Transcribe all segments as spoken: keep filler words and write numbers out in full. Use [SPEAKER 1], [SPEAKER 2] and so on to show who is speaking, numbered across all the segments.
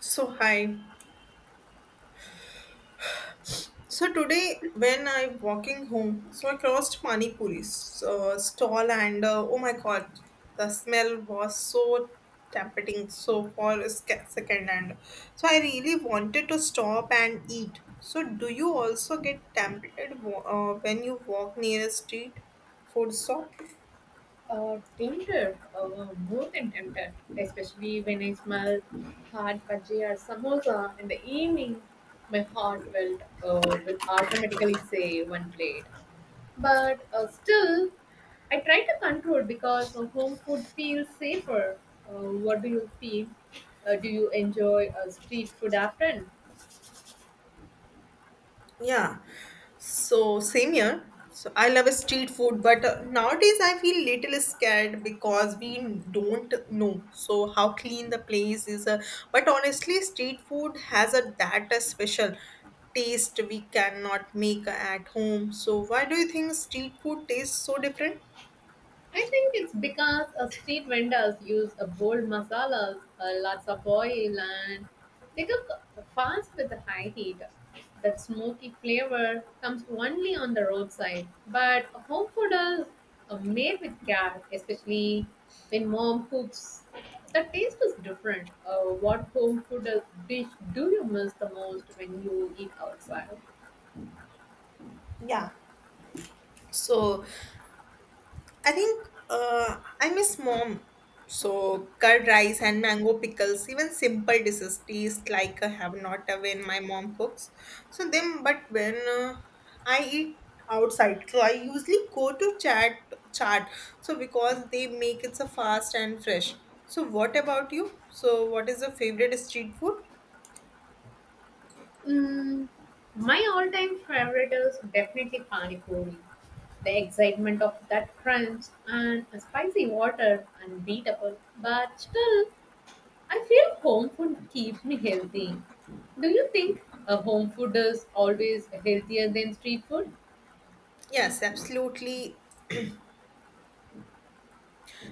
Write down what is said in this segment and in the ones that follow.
[SPEAKER 1] So hi. So today when I'm walking home, so I crossed Pani Puri's uh, stall and uh, oh my god, the smell was so tempting. So for a sec- second and so I really wanted to stop and eat. So do you also get tempted wa- uh, when you walk near a street food stall?
[SPEAKER 2] Uh, tempted, uh, more than tempted, especially when I smell hot bhaji or samosa in the evening. My heart will, uh, will automatically say one plate. But uh, still, I try to control because uh, home food feels safer. Uh, what do you feel? Uh, do you enjoy uh, street food often?
[SPEAKER 1] Yeah, so same here. So I love street food, but uh, nowadays I feel little scared because we don't know so how clean the place is. Uh, but honestly, street food has a that a special taste we cannot make at home. So why do you think street food tastes so different?
[SPEAKER 2] I think it's because uh, street vendors use uh, bold masalas, uh, lots of oil, and they cook fast with the high heat. That smoky flavor comes only on the roadside. But home food is uh, made with care, especially when mom cooks. The taste is different. Uh, what home food is- dish do you miss the most when you eat outside?
[SPEAKER 1] Yeah. So I think uh, I miss mom. So curd rice and mango pickles, even simple dishes taste like a have not when my mom cooks. So them, but when uh, I eat outside, so I usually go to chat chat. So because they make it so fast and fresh. So what about you? So what is your favorite street food?
[SPEAKER 2] Mm, my all-time favorite is definitely pani puri. The excitement of that crunch and a spicy water unbeatable, but still, I feel home food keeps me healthy. Do you think a home food is always healthier than street food?
[SPEAKER 1] Yes, absolutely.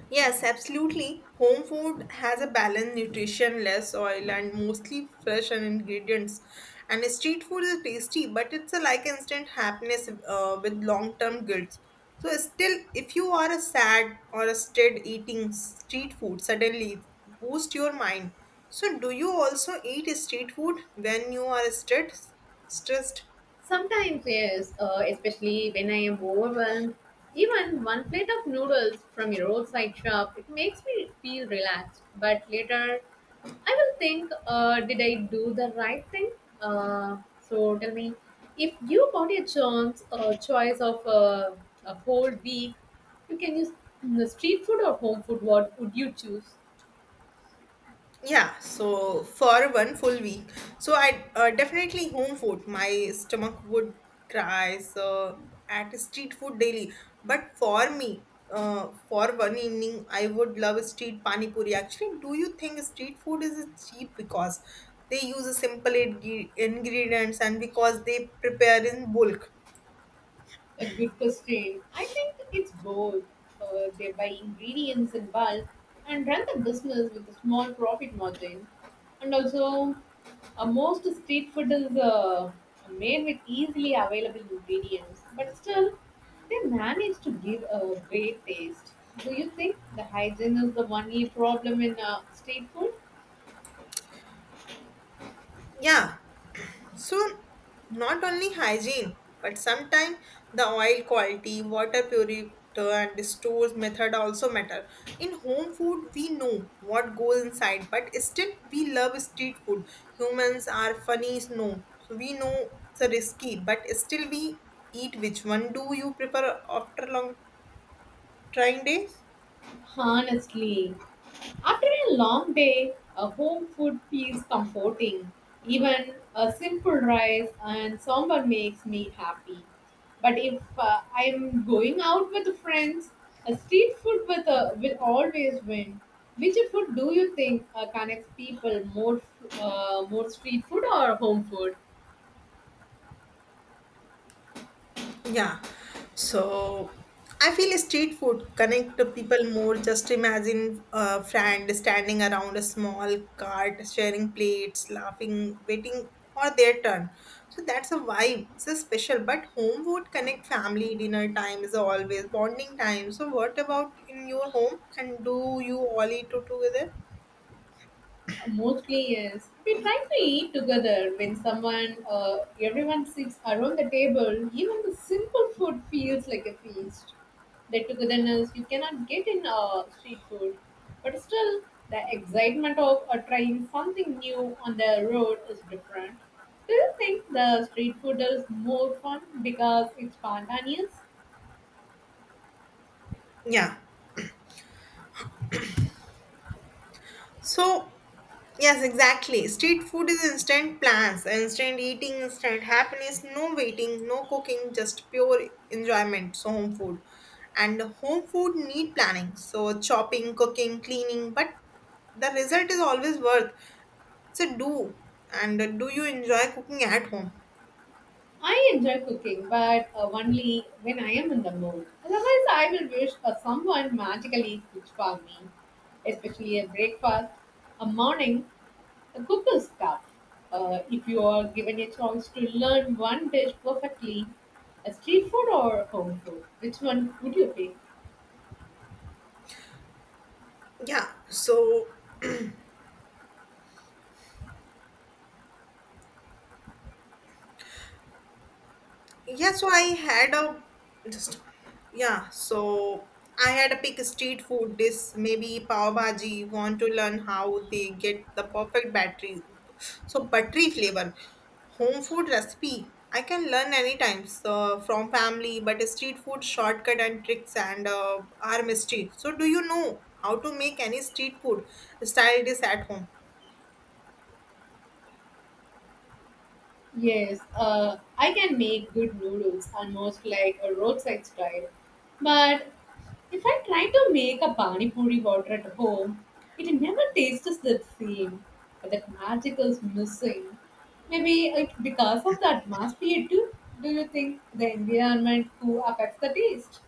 [SPEAKER 1] Yes, absolutely. Home food has a balanced nutrition, less oil, and mostly fresh and ingredients. And street food is tasty, but it's a like instant happiness uh, with long term guilt. So, still, if you are a sad or a stressed eating street food, suddenly boost your mind. So, do you also eat street food when you are stressed? Stressed?
[SPEAKER 2] Sometimes, yes, uh, especially when I am overwhelmed. Even one plate of noodles from a roadside shop, it makes me feel relaxed. But later, I will think, uh, did I do the right thing? Uh, so tell me, if you got a chance, a choice of uh, a whole week, you can use mm, the street food or home food. What would you choose?
[SPEAKER 1] Yeah, so for one full week, so I uh, definitely home food. My stomach would cry so at street food daily. But for me, uh, for one evening, I would love street pani puri. Actually, do you think street food is cheap because they use simple ing- ingredients and because they prepare in bulk?
[SPEAKER 2] A good question. I think it's both. Uh, they buy ingredients in bulk and run the business with a small profit margin. And also, uh, most street food is uh, made with easily available ingredients, but still, they manage to give a great taste. Do you think the hygiene is the only problem in uh, street food?
[SPEAKER 1] Yeah, so, not only hygiene, but sometimes the oil quality, water purity, and stores method also matter. In home food, we know what goes inside, but still we love street food. Humans are funny, no. So we know it's a risky, but still we eat. Which one do you prefer after long trying days?
[SPEAKER 2] Honestly, after a long day, a home food feels comforting. Even a simple rice and sambar makes me happy. But if uh, I'm going out with friends, a street food with a, will always win. Which food do you think uh, connects people more, f- uh, more street food or home food?
[SPEAKER 1] Yeah. So I feel street food connect to people more. Just imagine a friend standing around a small cart, sharing plates, laughing, waiting for their turn. So that's a vibe. It's a special. But home would connect family. Dinner time is always bonding time. So what about in your home? And do you all eat together?
[SPEAKER 2] Mostly yes. We try to eat together when someone, uh, everyone sits around the table. Even the simple food feels like a feast. That togetherness you cannot get in uh, street food, but still the excitement of uh, trying something new on the road is different. Do you think the street food is more fun because it's spontaneous?
[SPEAKER 1] Yeah. So, yes, exactly. Street food is instant plans, instant eating, instant happiness, no waiting, no cooking, just pure enjoyment. So, home food. And home food need planning. So, chopping, cooking, cleaning, but the result is always worth. It's a do. And do you enjoy cooking at home?
[SPEAKER 2] I enjoy cooking, but uh, only when I am in the mood. Otherwise, I will wish uh, someone magically cooks for me, especially a breakfast, a morning, a cooking stuff. Uh, if you are given a chance to learn one dish perfectly, a street food or home food, which one would you pick?
[SPEAKER 1] Yeah. So, yeah, so I had a just yeah, so I had a pick street food dish, maybe pav bhaji, want to learn how they get the perfect battery. So buttery flavor. Home food recipe. I can learn anytime so from family, but street food shortcut and tricks and uh, are mystery. So do you know how to make any street food style dish at home?
[SPEAKER 2] Yes, uh, I can make good noodles almost like a roadside style. But if I try to make a pani puri water at home, it never tastes the same. That magic is missing. Maybe it, because of the atmosphere too. Do you think the environment too affects the taste?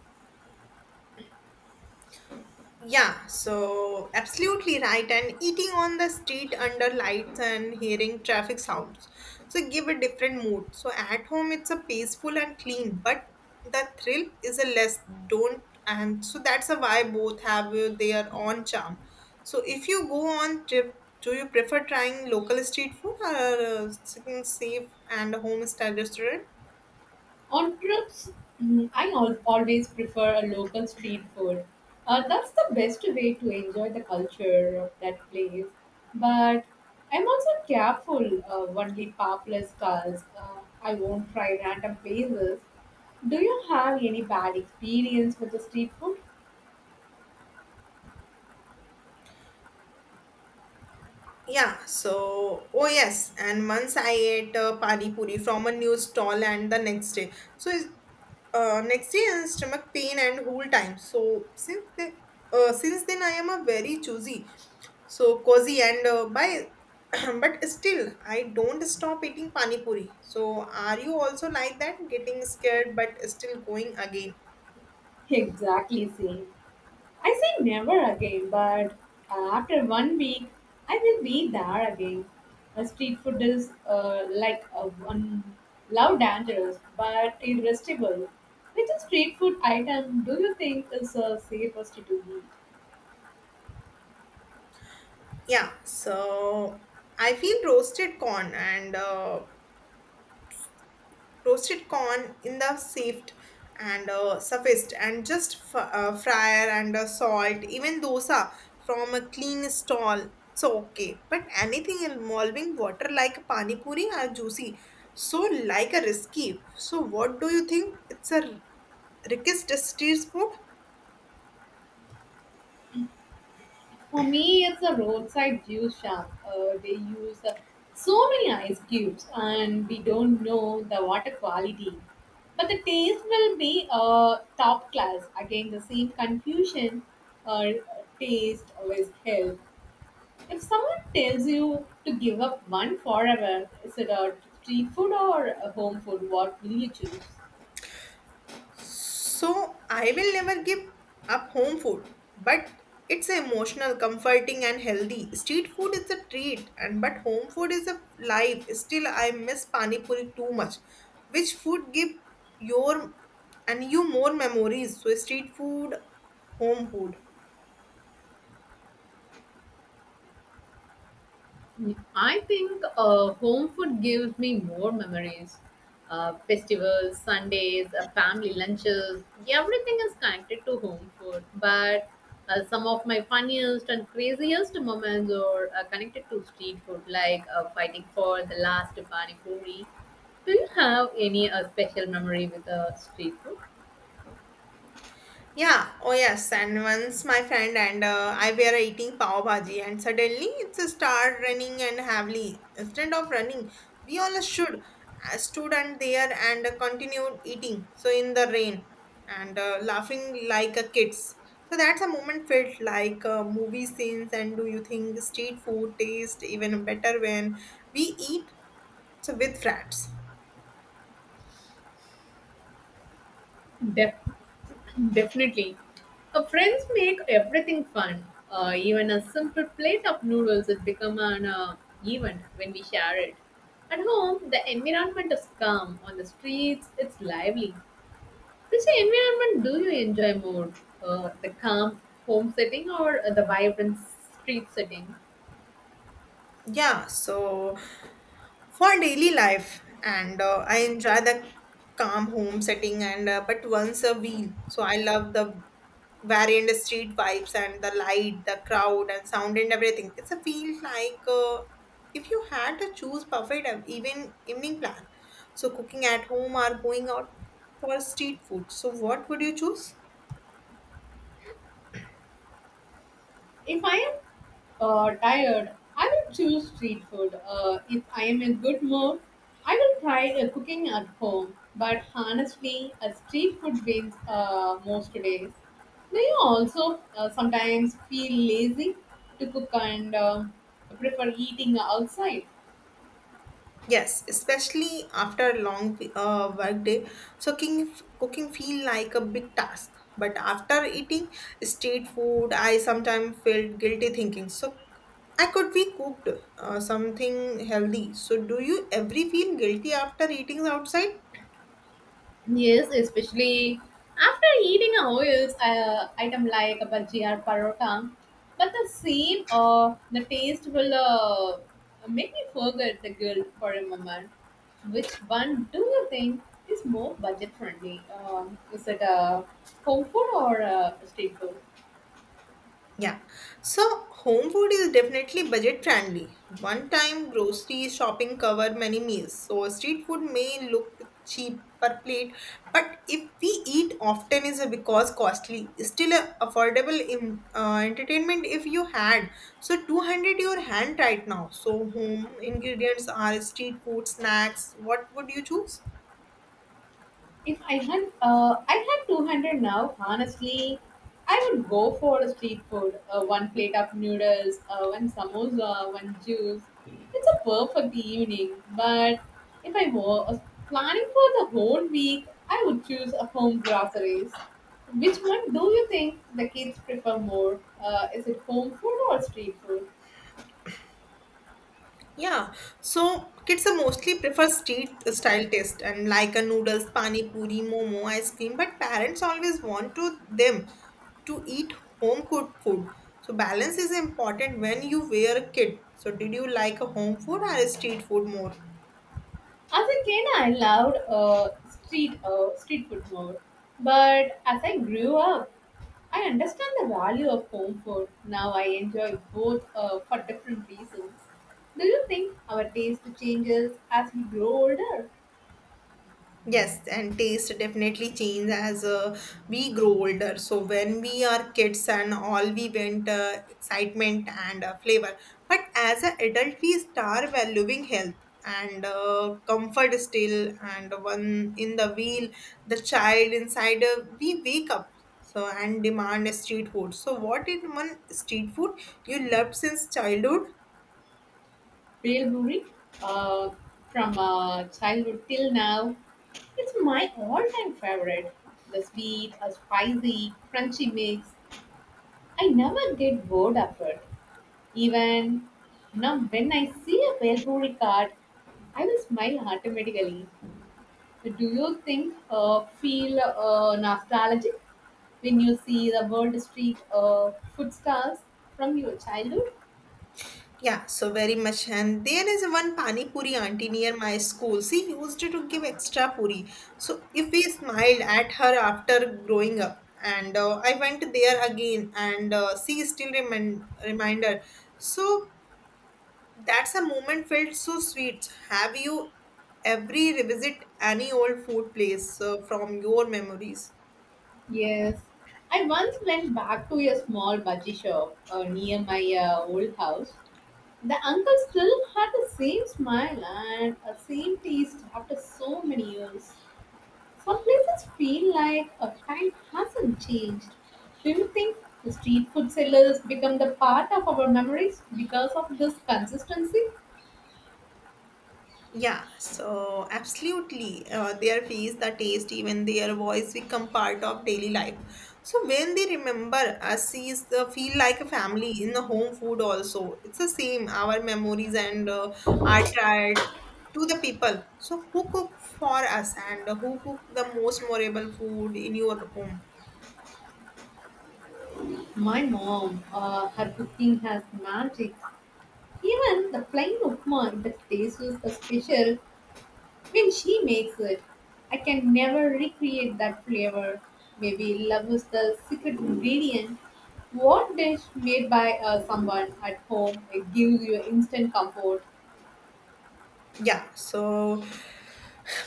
[SPEAKER 1] Yeah, so absolutely right. And eating on the street under lights and hearing traffic sounds. So give a different mood. So at home it's a peaceful and clean, but the thrill is a less don't and so that's a why both have uh, their own charm. So if you go on trip, do you prefer trying local street food or uh, seeking safe and home style restaurant?
[SPEAKER 2] On trips, mm, I al- always prefer a local street food. Uh, that's the best way to enjoy the culture of that place. But I'm also careful of only popular stalls. Uh, I won't try random places. Do you have any bad experience with the street food?
[SPEAKER 1] Yeah, so oh yes, and once I ate uh, pani puri from a new stall, and the next day, so is- uh, next day and stomach pain and whole time. So since then, uh, since then I am a very choosy, so cozy and uh, by, but still I don't stop eating pani puri. So are you also like that, getting scared but still going again?
[SPEAKER 2] Exactly same. I say never again, but uh, after one week, I will be there again. Uh, street food is uh, like a one love dangerous but irresistible. Which street food item do you think is uh, safest to eat?
[SPEAKER 1] Yeah, so I feel roasted corn and. Uh, toasted corn in the sift and uh, surfaced and just f- uh, fryer and uh, salt even dosa from a clean stall it's okay but anything involving water like pani puri are juicy so like a risky so what do you think it's a r- rickest street food.
[SPEAKER 2] For me, it's a roadside juice shop. Uh, they use uh, so many ice cubes, and we don't know the water quality. But the taste will be uh, top class. Again, the same confusion uh, taste always help. If someone tells you to give up one forever, is it a street food or a home food? What will you choose?
[SPEAKER 1] So I will never give up home food, but it's emotional, comforting, and healthy. Street food is a treat, and but home food is a life. Still, I miss pani puri too much. Which food give your and you more memories? So street food, home food.
[SPEAKER 2] I think uh, home food gives me more memories. Uh, festivals, Sundays, uh, family lunches, everything is connected to home food. But uh, some of my funniest and craziest moments are uh, connected to street food, like uh, fighting for the last pani puri. Do you have any uh, special memory with uh, street food?
[SPEAKER 1] Yeah, oh yes. And once my friend and uh, I were eating pav bhaji, and suddenly it's a start running and heavily. Instead of running, we all should uh, stood and there and uh, continued eating. So in the rain and uh, laughing like a kids. So that's a moment felt like uh, movie scenes. And do you think street food tastes even better when we eat so with friends?
[SPEAKER 2] Def- Definitely. Uh, friends make everything fun. Uh, even a simple plate of noodles has become an uh, event when we share it. At home, the environment is calm. On the streets, it's lively. Which environment do you enjoy more? Uh, the calm home setting or uh, the vibrant street setting?
[SPEAKER 1] Yeah, so for daily life, and uh, I enjoy the calm home setting, and uh, but once a wheel. So I love the variant street vibes and the light, the crowd, and sound, and everything. It's a feel like uh, if you had to choose perfect ev- even evening plan. So cooking at home or going out for street food. So what would you choose?
[SPEAKER 2] If I am uh, tired, I will choose street food. Uh, if I am in good mood, I will try uh, cooking at home. But honestly, a street food wins uh, most days. Do you also uh, sometimes feel lazy to cook and uh, prefer eating outside?
[SPEAKER 1] Yes, especially after a long uh, work day. So cooking, cooking feel like a big task. But after eating street food, I sometimes felt guilty thinking, so I could be cooked uh, something healthy. So do you every feel guilty after eating outside?
[SPEAKER 2] Yes, especially after eating a oils uh, item like a bhaji or parotta, but the same uh, the taste will uh, make me forget the guilt for a moment. Which one do you think is more budget friendly? Um, is it a home food or a street food?
[SPEAKER 1] Yeah. So home food is definitely budget friendly. One time grocery shopping cover many meals. So street food may look cheap per plate, but if we eat often is because costly. Still a affordable in, uh, entertainment if you had. So two hundred your hand right now. So home ingredients are street food, snacks. What would you choose?
[SPEAKER 2] If I had, uh, I had two hundred now, honestly, I would go for a street food. Uh, one plate of noodles, uh, one samosa, one juice. It's a perfect evening. But if I was planning for the whole week, I would choose a home groceries. Which one do you think the kids prefer more? Uh, is it home food or street food?
[SPEAKER 1] Yeah, so kids are mostly prefer street style taste and like a noodles, pani puri, momo, ice cream, but parents always want to them to eat home cooked food. So balance is important when you were a kid. So did you like a home food or a street food more?
[SPEAKER 2] As a kid, I loved uh, street uh, street food more, but as I grew up, I understand the value of home food. Now I enjoy both uh, for different reasons. Do you think our taste changes as we grow older?
[SPEAKER 1] Yes, and taste definitely change as uh, we grow older. So when we are kids and all we went uh, excitement and uh, flavor, but as an adult we start valuing health and uh, comfort still. And one in the wheel, the child inside uh, we wake up so and demand a street food. So what in one street food you loved since childhood?
[SPEAKER 2] Real Buri, uh, from uh, childhood till now, it's my all-time favorite. The sweet, a spicy, crunchy mix. I never get bored of it. Even now, when I see a Velburi card, I will smile automatically. So do you think uh, feel uh, nostalgic when you see the World Street uh, food stalls from your childhood?
[SPEAKER 1] Yeah, so very much. And there is one Pani Puri auntie near my school. She used to give extra puri. So if we smiled at her after growing up, and uh, I went there again, and uh, she still remind reminder. So that's a moment felt so sweet. Have you every revisit any old food place uh, from your memories?
[SPEAKER 2] Yes, I once went back to a small bhaji shop uh, near my uh, old house. The uncle still had the same smile and the same taste after so many years. Some places feel like a time hasn't changed. Do you think street food sellers become the part of our memories because of this consistency?
[SPEAKER 1] Yeah, so absolutely. Uh, their face, the taste, even their voice become part of daily life. So when they remember us, is uh, feel like a family in the home food also. It's the same. Our memories and uh, are tried to the people. So who cook for us and who cook the most memorable food in your home?
[SPEAKER 2] My mom, uh, her cooking has magic. Even the plain upma that taste is special when she makes it. I can never recreate that flavor. Maybe love is the secret ingredient. What dish made by uh, someone at home it gives you instant comfort?
[SPEAKER 1] Yeah, so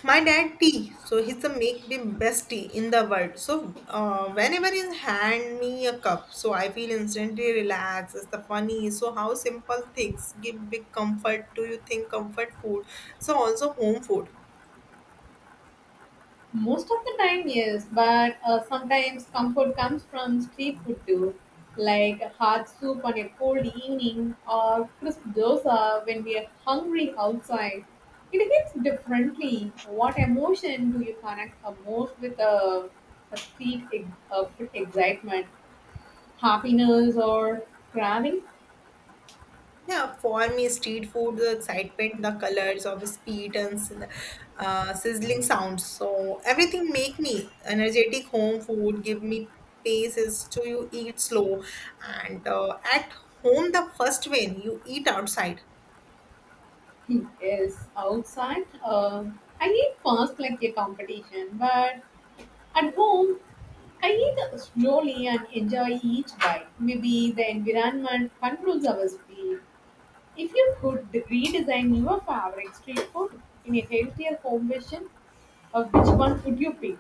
[SPEAKER 1] my dad tea, so he's the make the best tea in the world. So uh, whenever he hand me a cup, so I feel instantly relaxed. It's the funny. So how simple things give big comfort. Do you think comfort food? So also home food.
[SPEAKER 2] Most of the time, yes, but uh, sometimes comfort comes from street food too, like hot soup on a cold evening or crisp dosa when we are hungry outside. It hits differently. What emotion do you connect uh, most with a, a street ex- uh, food excitement? Happiness or craving?
[SPEAKER 1] Yeah, for me, street food, the excitement, the colors of speed and s- uh, sizzling sounds. So everything make me energetic. Home food give me paces to you eat slow, and uh, at home the first when you eat outside.
[SPEAKER 2] Yes, outside. Uh, I eat fast like a competition, but at home, I eat slowly and enjoy each bite. Maybe the environment controls our speed. If you could redesign your favorite street food in a healthier home version, of which one would you pick?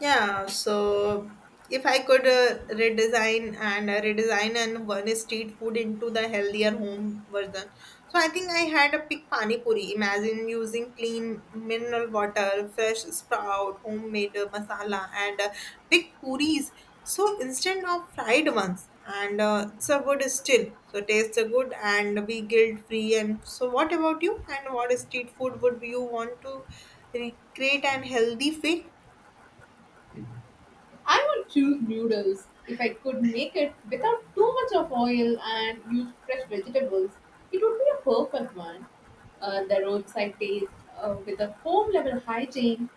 [SPEAKER 1] Yeah, so if I could uh, redesign and uh, redesign and one street food into the healthier home version. So I think I had a pick pani puri. Imagine using clean mineral water, fresh sprout, homemade uh, masala, and uh, big puris. So instead of fried ones, and uh, it's a good still. So tastes are good and be guilt free. And so, what about you? And what street food would you want to recreate and healthy way?
[SPEAKER 2] I would choose noodles if I could make it without too much of oil and use fresh vegetables. It would be a perfect one. Uh, the roadside taste uh, with a home level hygiene.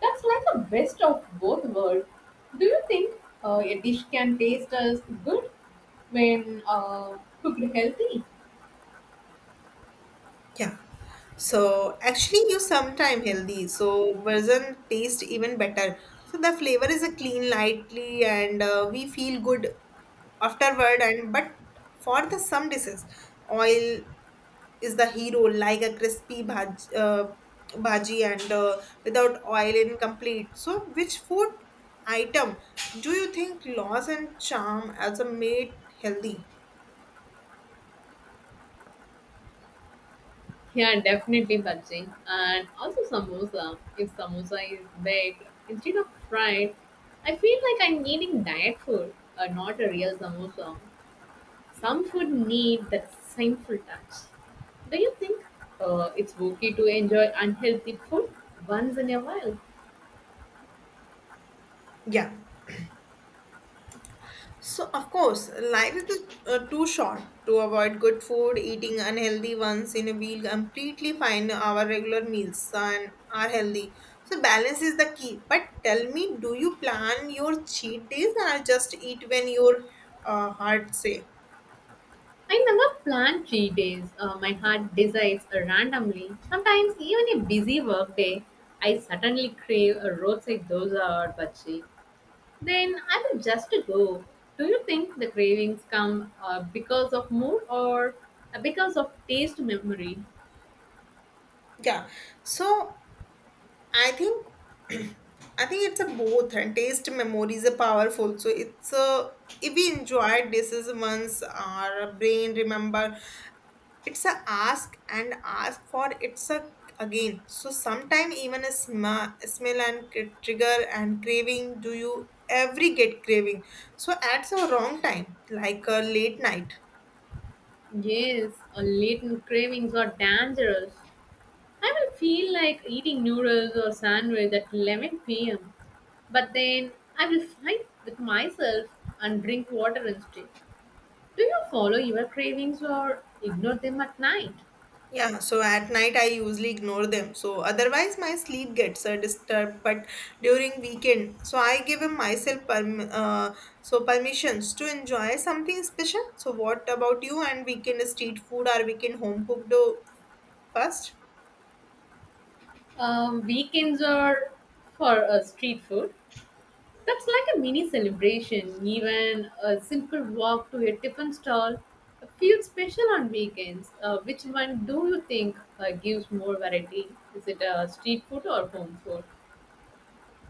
[SPEAKER 2] That's like a best of both worlds. Do you think uh, a dish can taste as good when uh, cooked healthy?
[SPEAKER 1] Yeah. So actually, you sometime healthy. So version taste even better. So the flavor is a clean, lightly, and uh, we feel good afterward. And but for the some dishes, oil is the hero, like a crispy bhaj, uh, bhaji, and uh, without oil incomplete. So which food item do you think loss and charm as a made healthy?
[SPEAKER 2] Yeah, definitely Babji. And also samosa. If samosa is baked instead of fried, I feel like I'm eating diet food, uh, not a real samosa. Some food need that sinful touch. Do you think uh, it's okay to enjoy unhealthy food once in a while?
[SPEAKER 1] Yeah. So, of course, life is uh, too short to avoid good food. Eating unhealthy ones in a meal completely fine. Our regular meals and are healthy. So, balance is the key. But tell me, do you plan your cheat days or just eat when your uh, heart say?
[SPEAKER 2] I never plan cheat days. Uh, my heart decides randomly. Sometimes, even a busy work day, I suddenly crave a roadside dosa or bhaji. Then I will just go. Do you think the cravings come uh, because of mood or uh, because of taste memory?
[SPEAKER 1] Yeah. So, I think I think it's a both and taste memories are powerful. So it's a, if we enjoy dishes once, our brain remember, it's a ask and ask for it's a again. So sometime even a sma- smell and cr- trigger and craving. Do you every get craving so at a wrong time, like a late night?
[SPEAKER 2] Yes, uh, latent cravings are dangerous. I will feel like eating noodles or sandwich at eleven p m. But then I will fight with myself and drink water instead. Do you follow your cravings or ignore them at night?
[SPEAKER 1] Yeah, so at night I usually ignore them, so otherwise my sleep gets uh, disturbed. But during weekend, so I give myself perm- uh, so permissions to enjoy something special. So what about you and weekend street food or weekend home cooked, uh, first?
[SPEAKER 2] Um, weekends are for uh, street food. That's like a mini celebration. Even a simple walk to a tiffin stall feels special on weekends. Uh, which one do you think uh, gives more variety? Is it uh, street food or home food?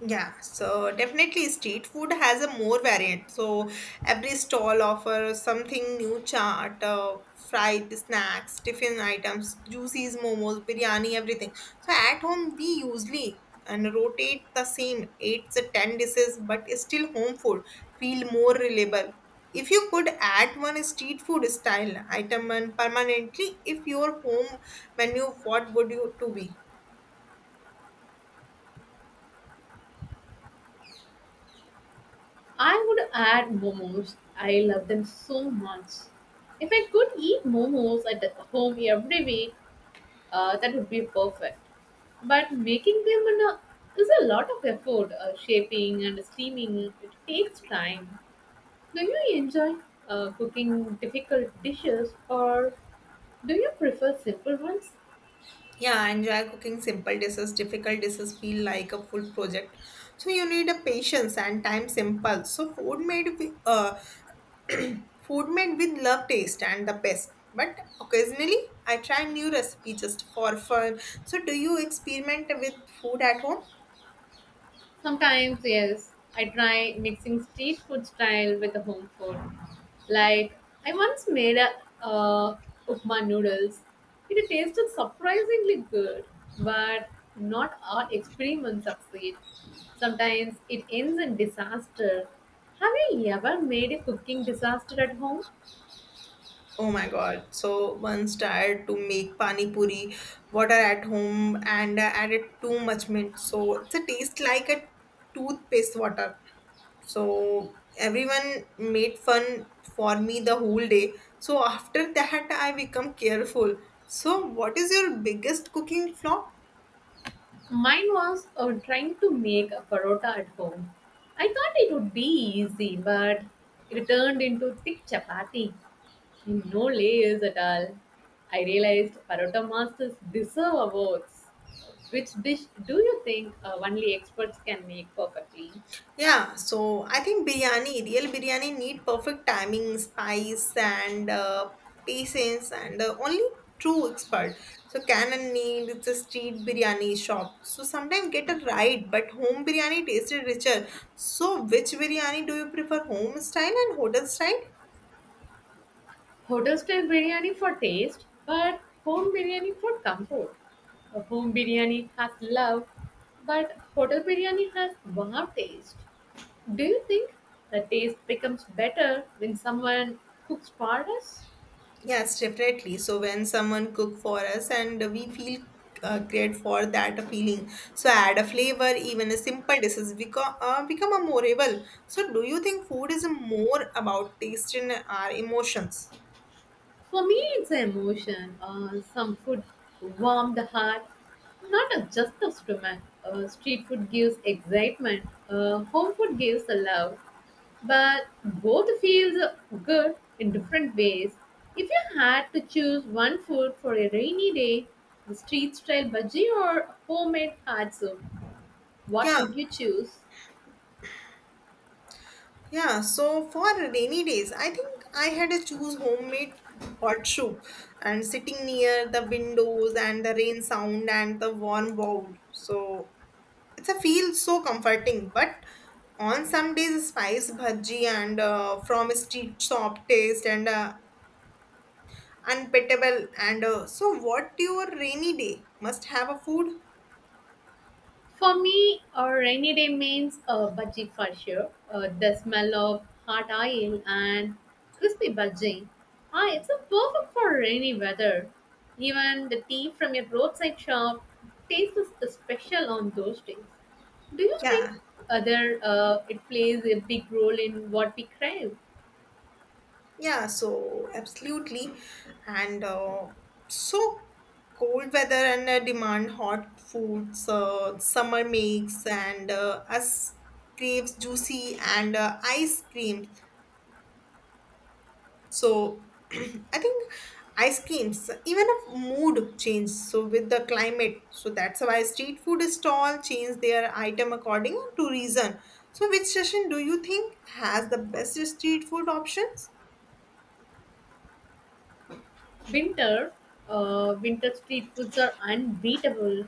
[SPEAKER 1] Yeah, so definitely street food has a more variant. So every stall offers something new: chaat, uh, fried snacks, tiffin items, juices, momos, biryani, everything. So at home we usually and rotate the same eight to ten dishes, but still home food feel more reliable. If you could add one street food style item and permanently, if your home menu, what would you to be?
[SPEAKER 2] I would add momos. I love them so much. If I could eat momos at home every week, uh, that would be perfect, but making them in a, is a lot of effort. Uh, shaping and steaming it takes time. Do you enjoy uh, cooking difficult dishes or do you prefer simple ones?
[SPEAKER 1] Yeah, I enjoy cooking simple dishes. Difficult dishes feel like a full project. So you need a patience and time simple. So food made with uh, food made with love, taste, and the best. But occasionally, I try new recipe just for fun. So do you experiment with food at home?
[SPEAKER 2] Sometimes, yes, I try mixing street food style with the home food. Like, I once made a uh, upma noodles. It tasted surprisingly good, but not all experiments succeed. Sometimes it ends in disaster. Have you ever made a cooking disaster at home?
[SPEAKER 1] Oh my god! So once tried to make pani puri, water at home, and uh, added too much mint. So it's a taste like a toothpaste water. So everyone made fun for me the whole day. So after that I become careful. So what is your biggest cooking flaw?
[SPEAKER 2] Mine was uh, trying to make a parotta at home. I thought it would be easy, but it turned into thick chapati, with no layers at all. I realized parotta masters deserve awards. Which dish do you think uh, only experts can make perfectly?
[SPEAKER 1] Yeah, so I think biryani, real biryani need perfect timing, spice, and uh, patience, and uh, only true expert. So canon need it's a street biryani shop, so sometimes get a right, but home biryani tasted richer. So which biryani do you prefer, home style and hotel style?
[SPEAKER 2] Hotel style biryani for taste, but home biryani for comfort. A home biryani has love, but hotel biryani has wow taste. Do you think the taste becomes better when someone cooks for us?
[SPEAKER 1] Yes, definitely. So when someone cook for us and we feel uh, great for that feeling, so add a flavor, even a simple dishes become uh, become a memorable. So do you think food is more about taste and our emotions?
[SPEAKER 2] For me, it's an emotion. Uh, some food warm the heart, not a- just the stomach. Uh, street food gives excitement. Uh, home food gives the love. But both feels good in different ways. If you had to choose one food for a rainy day, the street style bhaji or homemade hard soup, what
[SPEAKER 1] Yeah,
[SPEAKER 2] would you choose?
[SPEAKER 1] yeah. So for rainy days, I think I had to choose homemade hot soup and sitting near the windows and the rain sound and the warm bowl. So it's a feel so comforting. But on some days spice bhaji and uh, from a street shop taste and uh, unpetable and uh, so what your rainy day must have a food?
[SPEAKER 2] For me, a rainy day means a budgie for sure. Uh, the smell of hot oil and crispy budgie. Ah, it's a perfect for rainy weather. Even the tea from a roadside shop tastes special on those days. Do you think
[SPEAKER 1] yeah
[SPEAKER 2] other uh, it plays a big role in what we crave?
[SPEAKER 1] yeah, so absolutely and uh, so cold weather and uh, demand hot foods. Uh, summer makes and uh, us craves juicy and uh, ice creams. So I think ice creams, even a mood change. So with the climate, so that's why street food stall change their item according to reason. So which session do you think has the best street food options?
[SPEAKER 2] Winter, uh, winter street foods are unbeatable.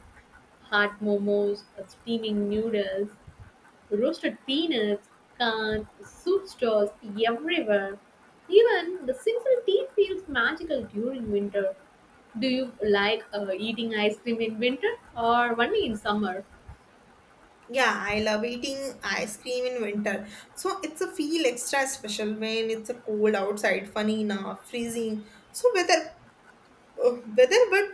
[SPEAKER 2] Hot momos, uh, steaming noodles, roasted peanuts, cans, soup stalls everywhere. Even the simple tea feels magical during winter. Do you like uh, eating ice cream in winter or only in summer?
[SPEAKER 1] Yeah, I love eating ice cream in winter. So it's a feel extra special when it's a cold outside, funny enough, freezing. So weather uh, weather, but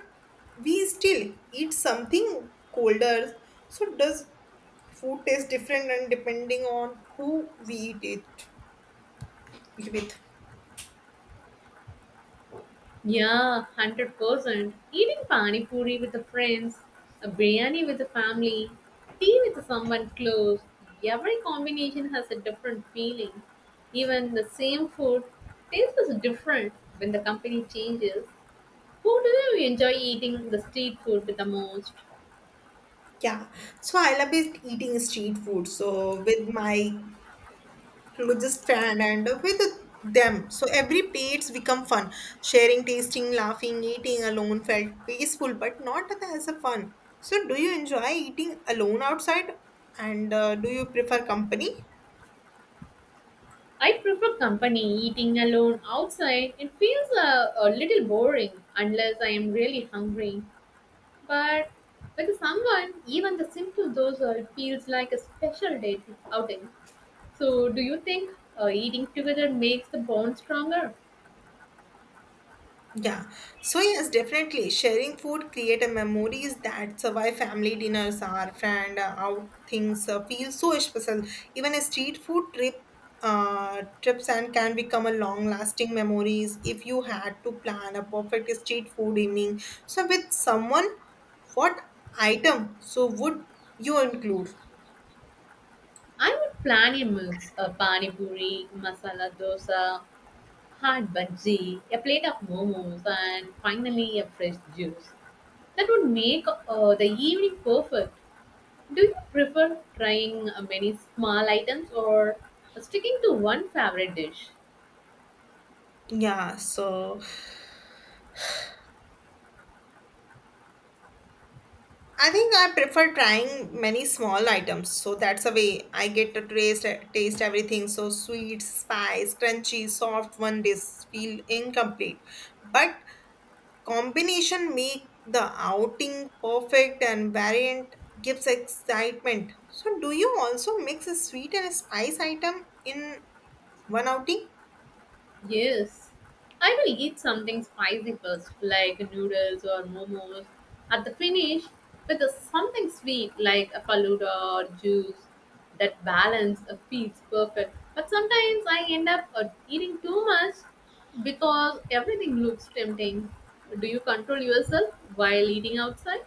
[SPEAKER 1] we still eat something colder. So does food taste different and depending on who we eat it, it with?
[SPEAKER 2] Yeah, one hundred percent. Eating pani puri with the friends, a biryani with the family, tea with someone close. Every combination has a different feeling. Even the same food tastes different when the company changes. Who do you enjoy eating the street food the most?
[SPEAKER 1] Yeah. So I love it eating street food. So with my closest friend and with them. So every plates become fun. Sharing, tasting, laughing, eating alone felt peaceful, but not as a fun. So do you enjoy eating alone outside? And uh, do you prefer company?
[SPEAKER 2] I prefer company. Eating alone outside, it feels a, a little boring unless I am really hungry. But with someone, even the simple dosa feels like a special date outing. So, do you think uh, eating together makes the bond stronger?
[SPEAKER 1] Yeah, so yes, definitely sharing food create a memories that survive family dinners or friend uh, out things uh, feel so special. Even a street food trip, uh, trips and can become a long lasting memories. If you had to plan a perfect street food evening. So with someone, what item so would you include?
[SPEAKER 2] I would plan a mix: a pani puri, masala dosa, hot bhaji, a plate of momos, and finally a fresh juice. That would make uh, the evening perfect. Do you prefer trying uh, many small items or uh, sticking to one favorite dish?
[SPEAKER 1] Yeah, so I think I prefer trying many small items, so that's a way I get to taste taste everything. So sweet, spice, crunchy, soft, one dish feel incomplete, but combination make the outing perfect and variant gives excitement. So do you also mix a sweet and a spice item in one outing?
[SPEAKER 2] Yes, I will eat something spicy first, like noodles or momos. At the finish, with uh, something sweet like a faluda or juice. That balance uh, feels perfect. But sometimes I end up uh, eating too much because everything looks tempting. Do you control yourself while eating outside?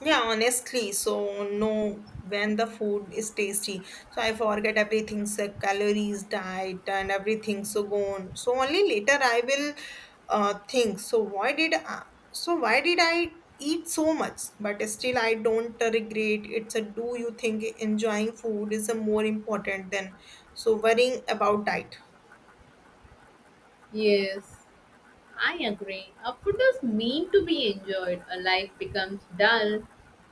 [SPEAKER 1] Yeah, honestly, so no, when the food is tasty, so I forget everything, so calories, diet, and everything, so gone. So only later I will uh, think. So why did I, so why did I eat so much? But still, I don't regret. It's a, do you think enjoying food is a more important than so worrying about diet?
[SPEAKER 2] Yes, I agree. Our food is meant to be enjoyed. A life becomes dull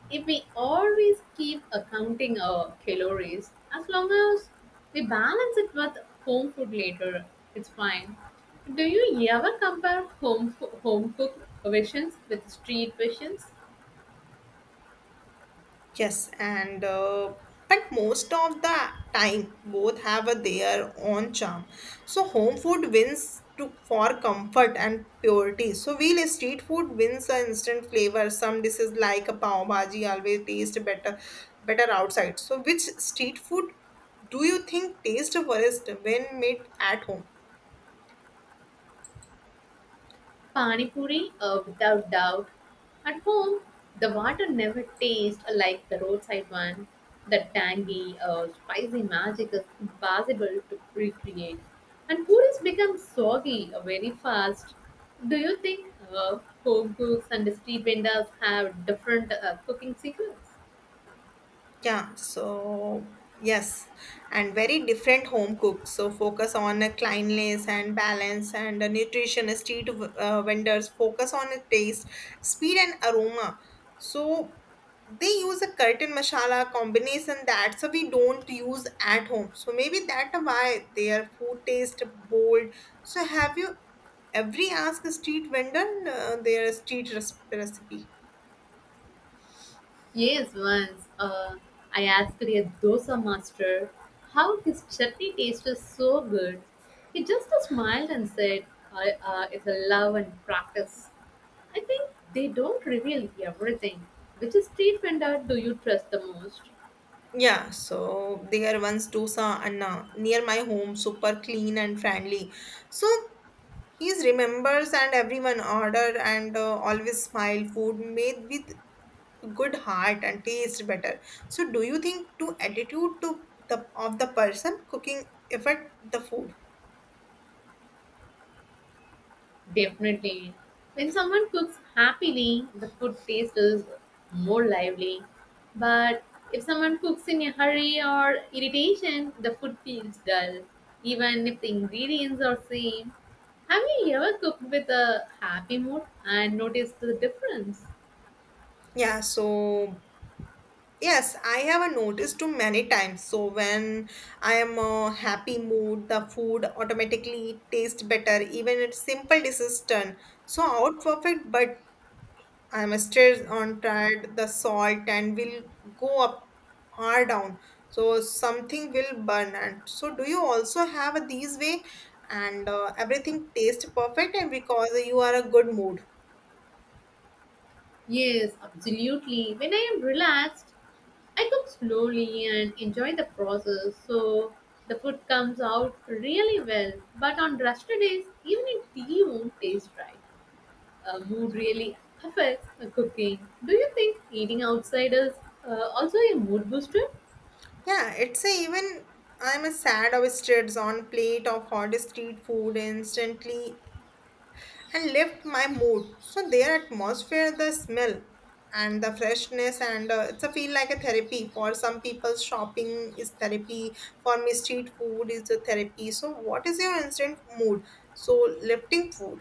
[SPEAKER 2] if we always keep accounting our calories. As long as we balance it with home food later, it's fine. Do you ever compare home fo- home cooked versions with street versions?
[SPEAKER 1] Yes, and uh, but most of the time, both have a, their own charm. So home food wins to, for comfort and purity. So while street food wins an instant flavor, some dishes like a pav bhaji always taste better better outside. So which street food do you think taste worst when made at home?
[SPEAKER 2] Pani puri, uh, without doubt. At home, the water never tastes like the roadside one. The tangy, uh, spicy magic is impossible to recreate. And puris become soggy uh, very fast. Do you think uh, home cooks and street vendors have different uh, cooking secrets?
[SPEAKER 1] Yeah, so yes, and very different home cooks. So focus on a cleanliness and balance and a nutrition. A street uh, vendors focus on a taste, speed, and aroma. So they use a curtain masala combination that so we don't use at home. So maybe that why their food taste bold. So have you every ask a street vendor uh, their street res- recipe?
[SPEAKER 2] Yes, once uh, I asked a dosa master how his chutney tasted so good. He just smiled and said, I, uh, it's a love and practice. I think they don't reveal everything. Which street vendor do you trust the most?
[SPEAKER 1] Yeah, so there once Dosa Anna near my home, super clean and friendly. So he remembers and everyone order and uh, always smile. Food made with good heart and taste better. So do you think to attitude to the of the person cooking affect the food?
[SPEAKER 2] Definitely. When someone cooks happily, the food taste is more lively. But if someone cooks in a hurry or irritation, the food feels dull, even if the ingredients are same. Have you ever cooked with a happy mood and noticed the difference?
[SPEAKER 1] Yeah, so Yes, I have a noticed too many times. So when I am a happy mood, the food automatically tastes better, even it's simple dishes turn. So out perfect, but I'm still on tried the salt and will go up or down. So something will burn. And so do you also have these way and uh, everything tastes perfect and because you are a good mood?
[SPEAKER 2] Yes, absolutely. When I am relaxed, I cook slowly and enjoy the process, so the food comes out really well. But on rusty days, even if tea won't taste right, uh, mood really affects uh, cooking. Do you think eating outside is uh, also a mood booster?
[SPEAKER 1] Yeah, it's a even I'm a sad oysters on plate of hot street food instantly and lift my mood. So their atmosphere, the smell and the freshness and uh, it's a feel like a therapy. For some people shopping is therapy, for me street food is a therapy. So what is your instant mood, so lifting food?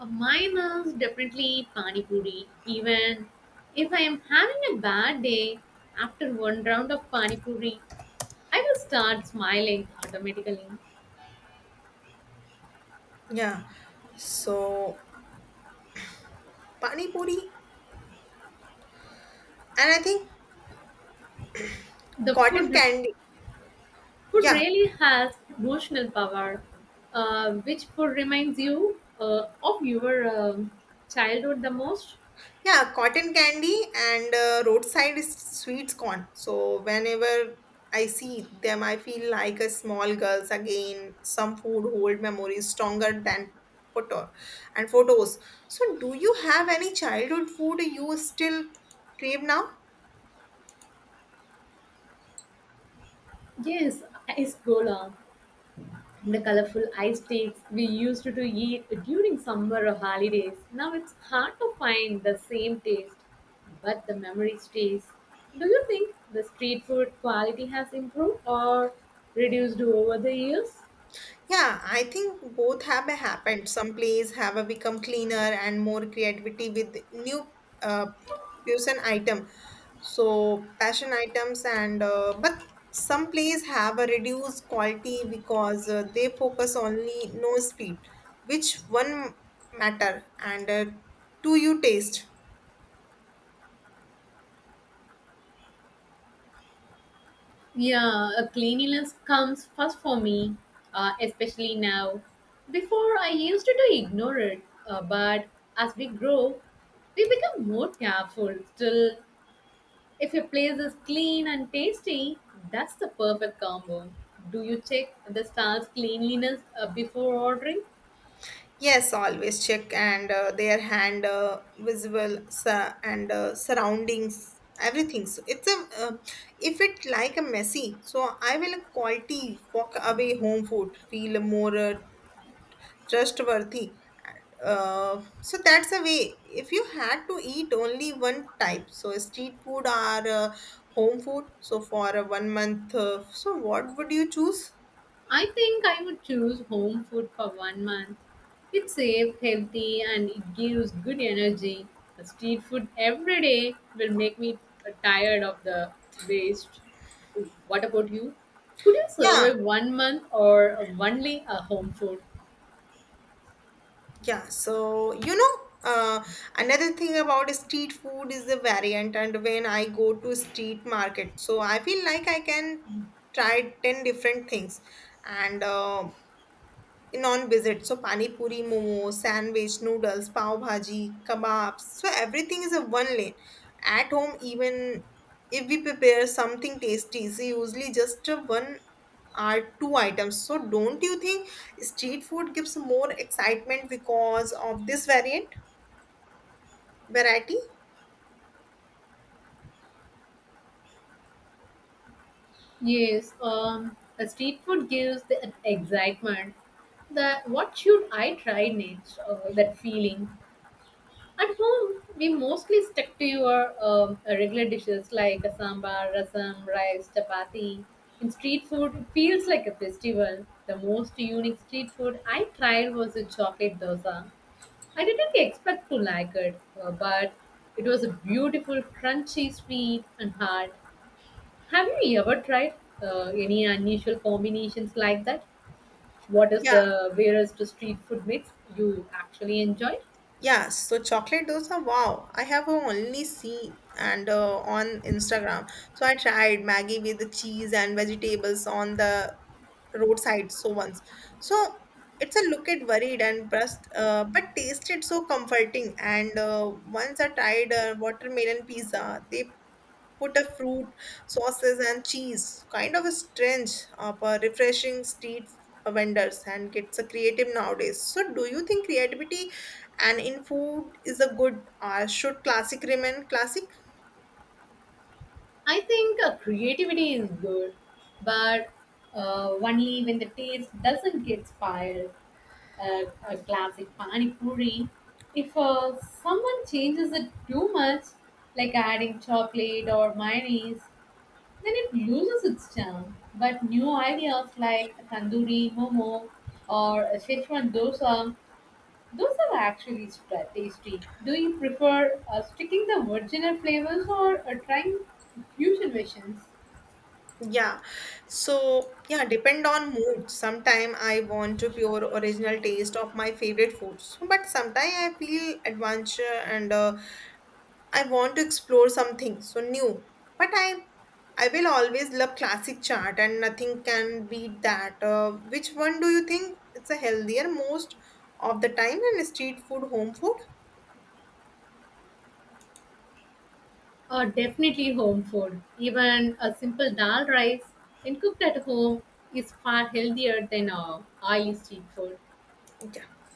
[SPEAKER 2] Uh, mine is definitely pani puri. Even if I am having a bad day, after one round of pani puri, I will start smiling automatically.
[SPEAKER 1] Yeah, so pani puri and I think
[SPEAKER 2] The
[SPEAKER 1] cotton
[SPEAKER 2] food
[SPEAKER 1] candy.
[SPEAKER 2] Food
[SPEAKER 1] Yeah,
[SPEAKER 2] really has emotional power, uh, which food reminds you uh, of your um childhood the most?
[SPEAKER 1] yeah, cotton candy and uh, roadside is sweets corn. So whenever I see them, I feel like a small girls again. Some food hold memories stronger than photo and photos. So do you have any childhood food you still crave now?
[SPEAKER 2] Yes, ice gola. The colorful ice sticks we used to eat during summer or holidays. Now it's hard to find the same taste, but the memory stays. Do you think the street food quality has improved or reduced over the years?
[SPEAKER 1] Yeah, I think both have happened. Some plays have become cleaner and more creativity with new uh, fusion item. So passion items and uh, but some plays have a reduced quality because uh, they focus only no speed, which one matter and uh, to you taste.
[SPEAKER 2] Yeah, uh, cleanliness comes first for me, uh, especially now. Before, I used to ignore it, uh, but as we grow, we become more careful. Still, if a place is clean and tasty, that's the perfect combo. Do you check the star's cleanliness uh, before ordering?
[SPEAKER 1] Yes, always check and uh, their hand uh, visible su- and uh, surroundings everything. So it's a uh, if it like a messy, so I will quality walk away. Home food feel more uh, trustworthy, uh, so that's the way. If you had to eat only one type, so street food or uh, home food, so for a one month, uh, so what would you choose?
[SPEAKER 2] I think I would choose home food for one month. It's safe, healthy, and it gives good energy. The street food every day will make me tired of the waste. What about you? Could you
[SPEAKER 1] Yeah,
[SPEAKER 2] survive one month or only a home food?
[SPEAKER 1] yeah, so you know, uh, another thing about street food is the variant, and when I go to street market, so I feel like I can try ten different things. And uh, non-visit so pani puri, momo, sandwich, noodles, pav bhaji, kebabs, so everything is a one lane. At home, even if we prepare something tasty, it's usually just a one or two items. So don't you think street food gives more excitement because of this variant variety?
[SPEAKER 2] Yes, um, a street food gives the excitement. That what should I try next? Uh, that feeling. At home, we mostly stick to your um, regular dishes like a sambar, rasam, rice, chapati. In street food, it feels like a festival. The most unique street food I tried was a chocolate dosa. I didn't expect to like it, uh, but it was a beautiful, crunchy, sweet, and hard. Have you ever tried uh, any unusual combinations like that? What is
[SPEAKER 1] Yeah.
[SPEAKER 2] the weirdest street food mix you actually enjoy?
[SPEAKER 1] Yeah, so chocolate dosa, wow, I have only seen and uh, on Instagram. So I tried Maggie with the cheese and vegetables on the roadside so once. So it's a look at worried and brust, uh, but tasted so comforting. And uh, once I tried uh, watermelon pizza, they put a fruit, sauces, and cheese. Kind of a strange, uh, for refreshing, street vendors, and gets a creative nowadays. So, do you think creativity and in food is a good? Uh, should classic remain classic?
[SPEAKER 2] I think uh, creativity is good, but uh, only when the taste doesn't get spoiled. Uh, a classic pani puri. If uh, someone changes it too much, like adding chocolate or mayonnaise, then it loses its charm. But new ideas like tandoori momo or a Szechuan dosa, those are actually stra- tasty. Do you prefer uh, sticking the original flavors or uh, trying fusion versions?
[SPEAKER 1] Yeah. So, yeah, depend on mood. Sometime I want to pure original taste of my favorite foods, but sometime I feel adventure and uh, I want to explore something so new. But I I will always love classic chart and nothing can beat that. Uh, which one do you think it's a healthier most of the time, and street food, home food?
[SPEAKER 2] Uh, definitely home food. Even a simple dal rice, when cooked at home, is far healthier than uh, oily street food.
[SPEAKER 1] Yeah.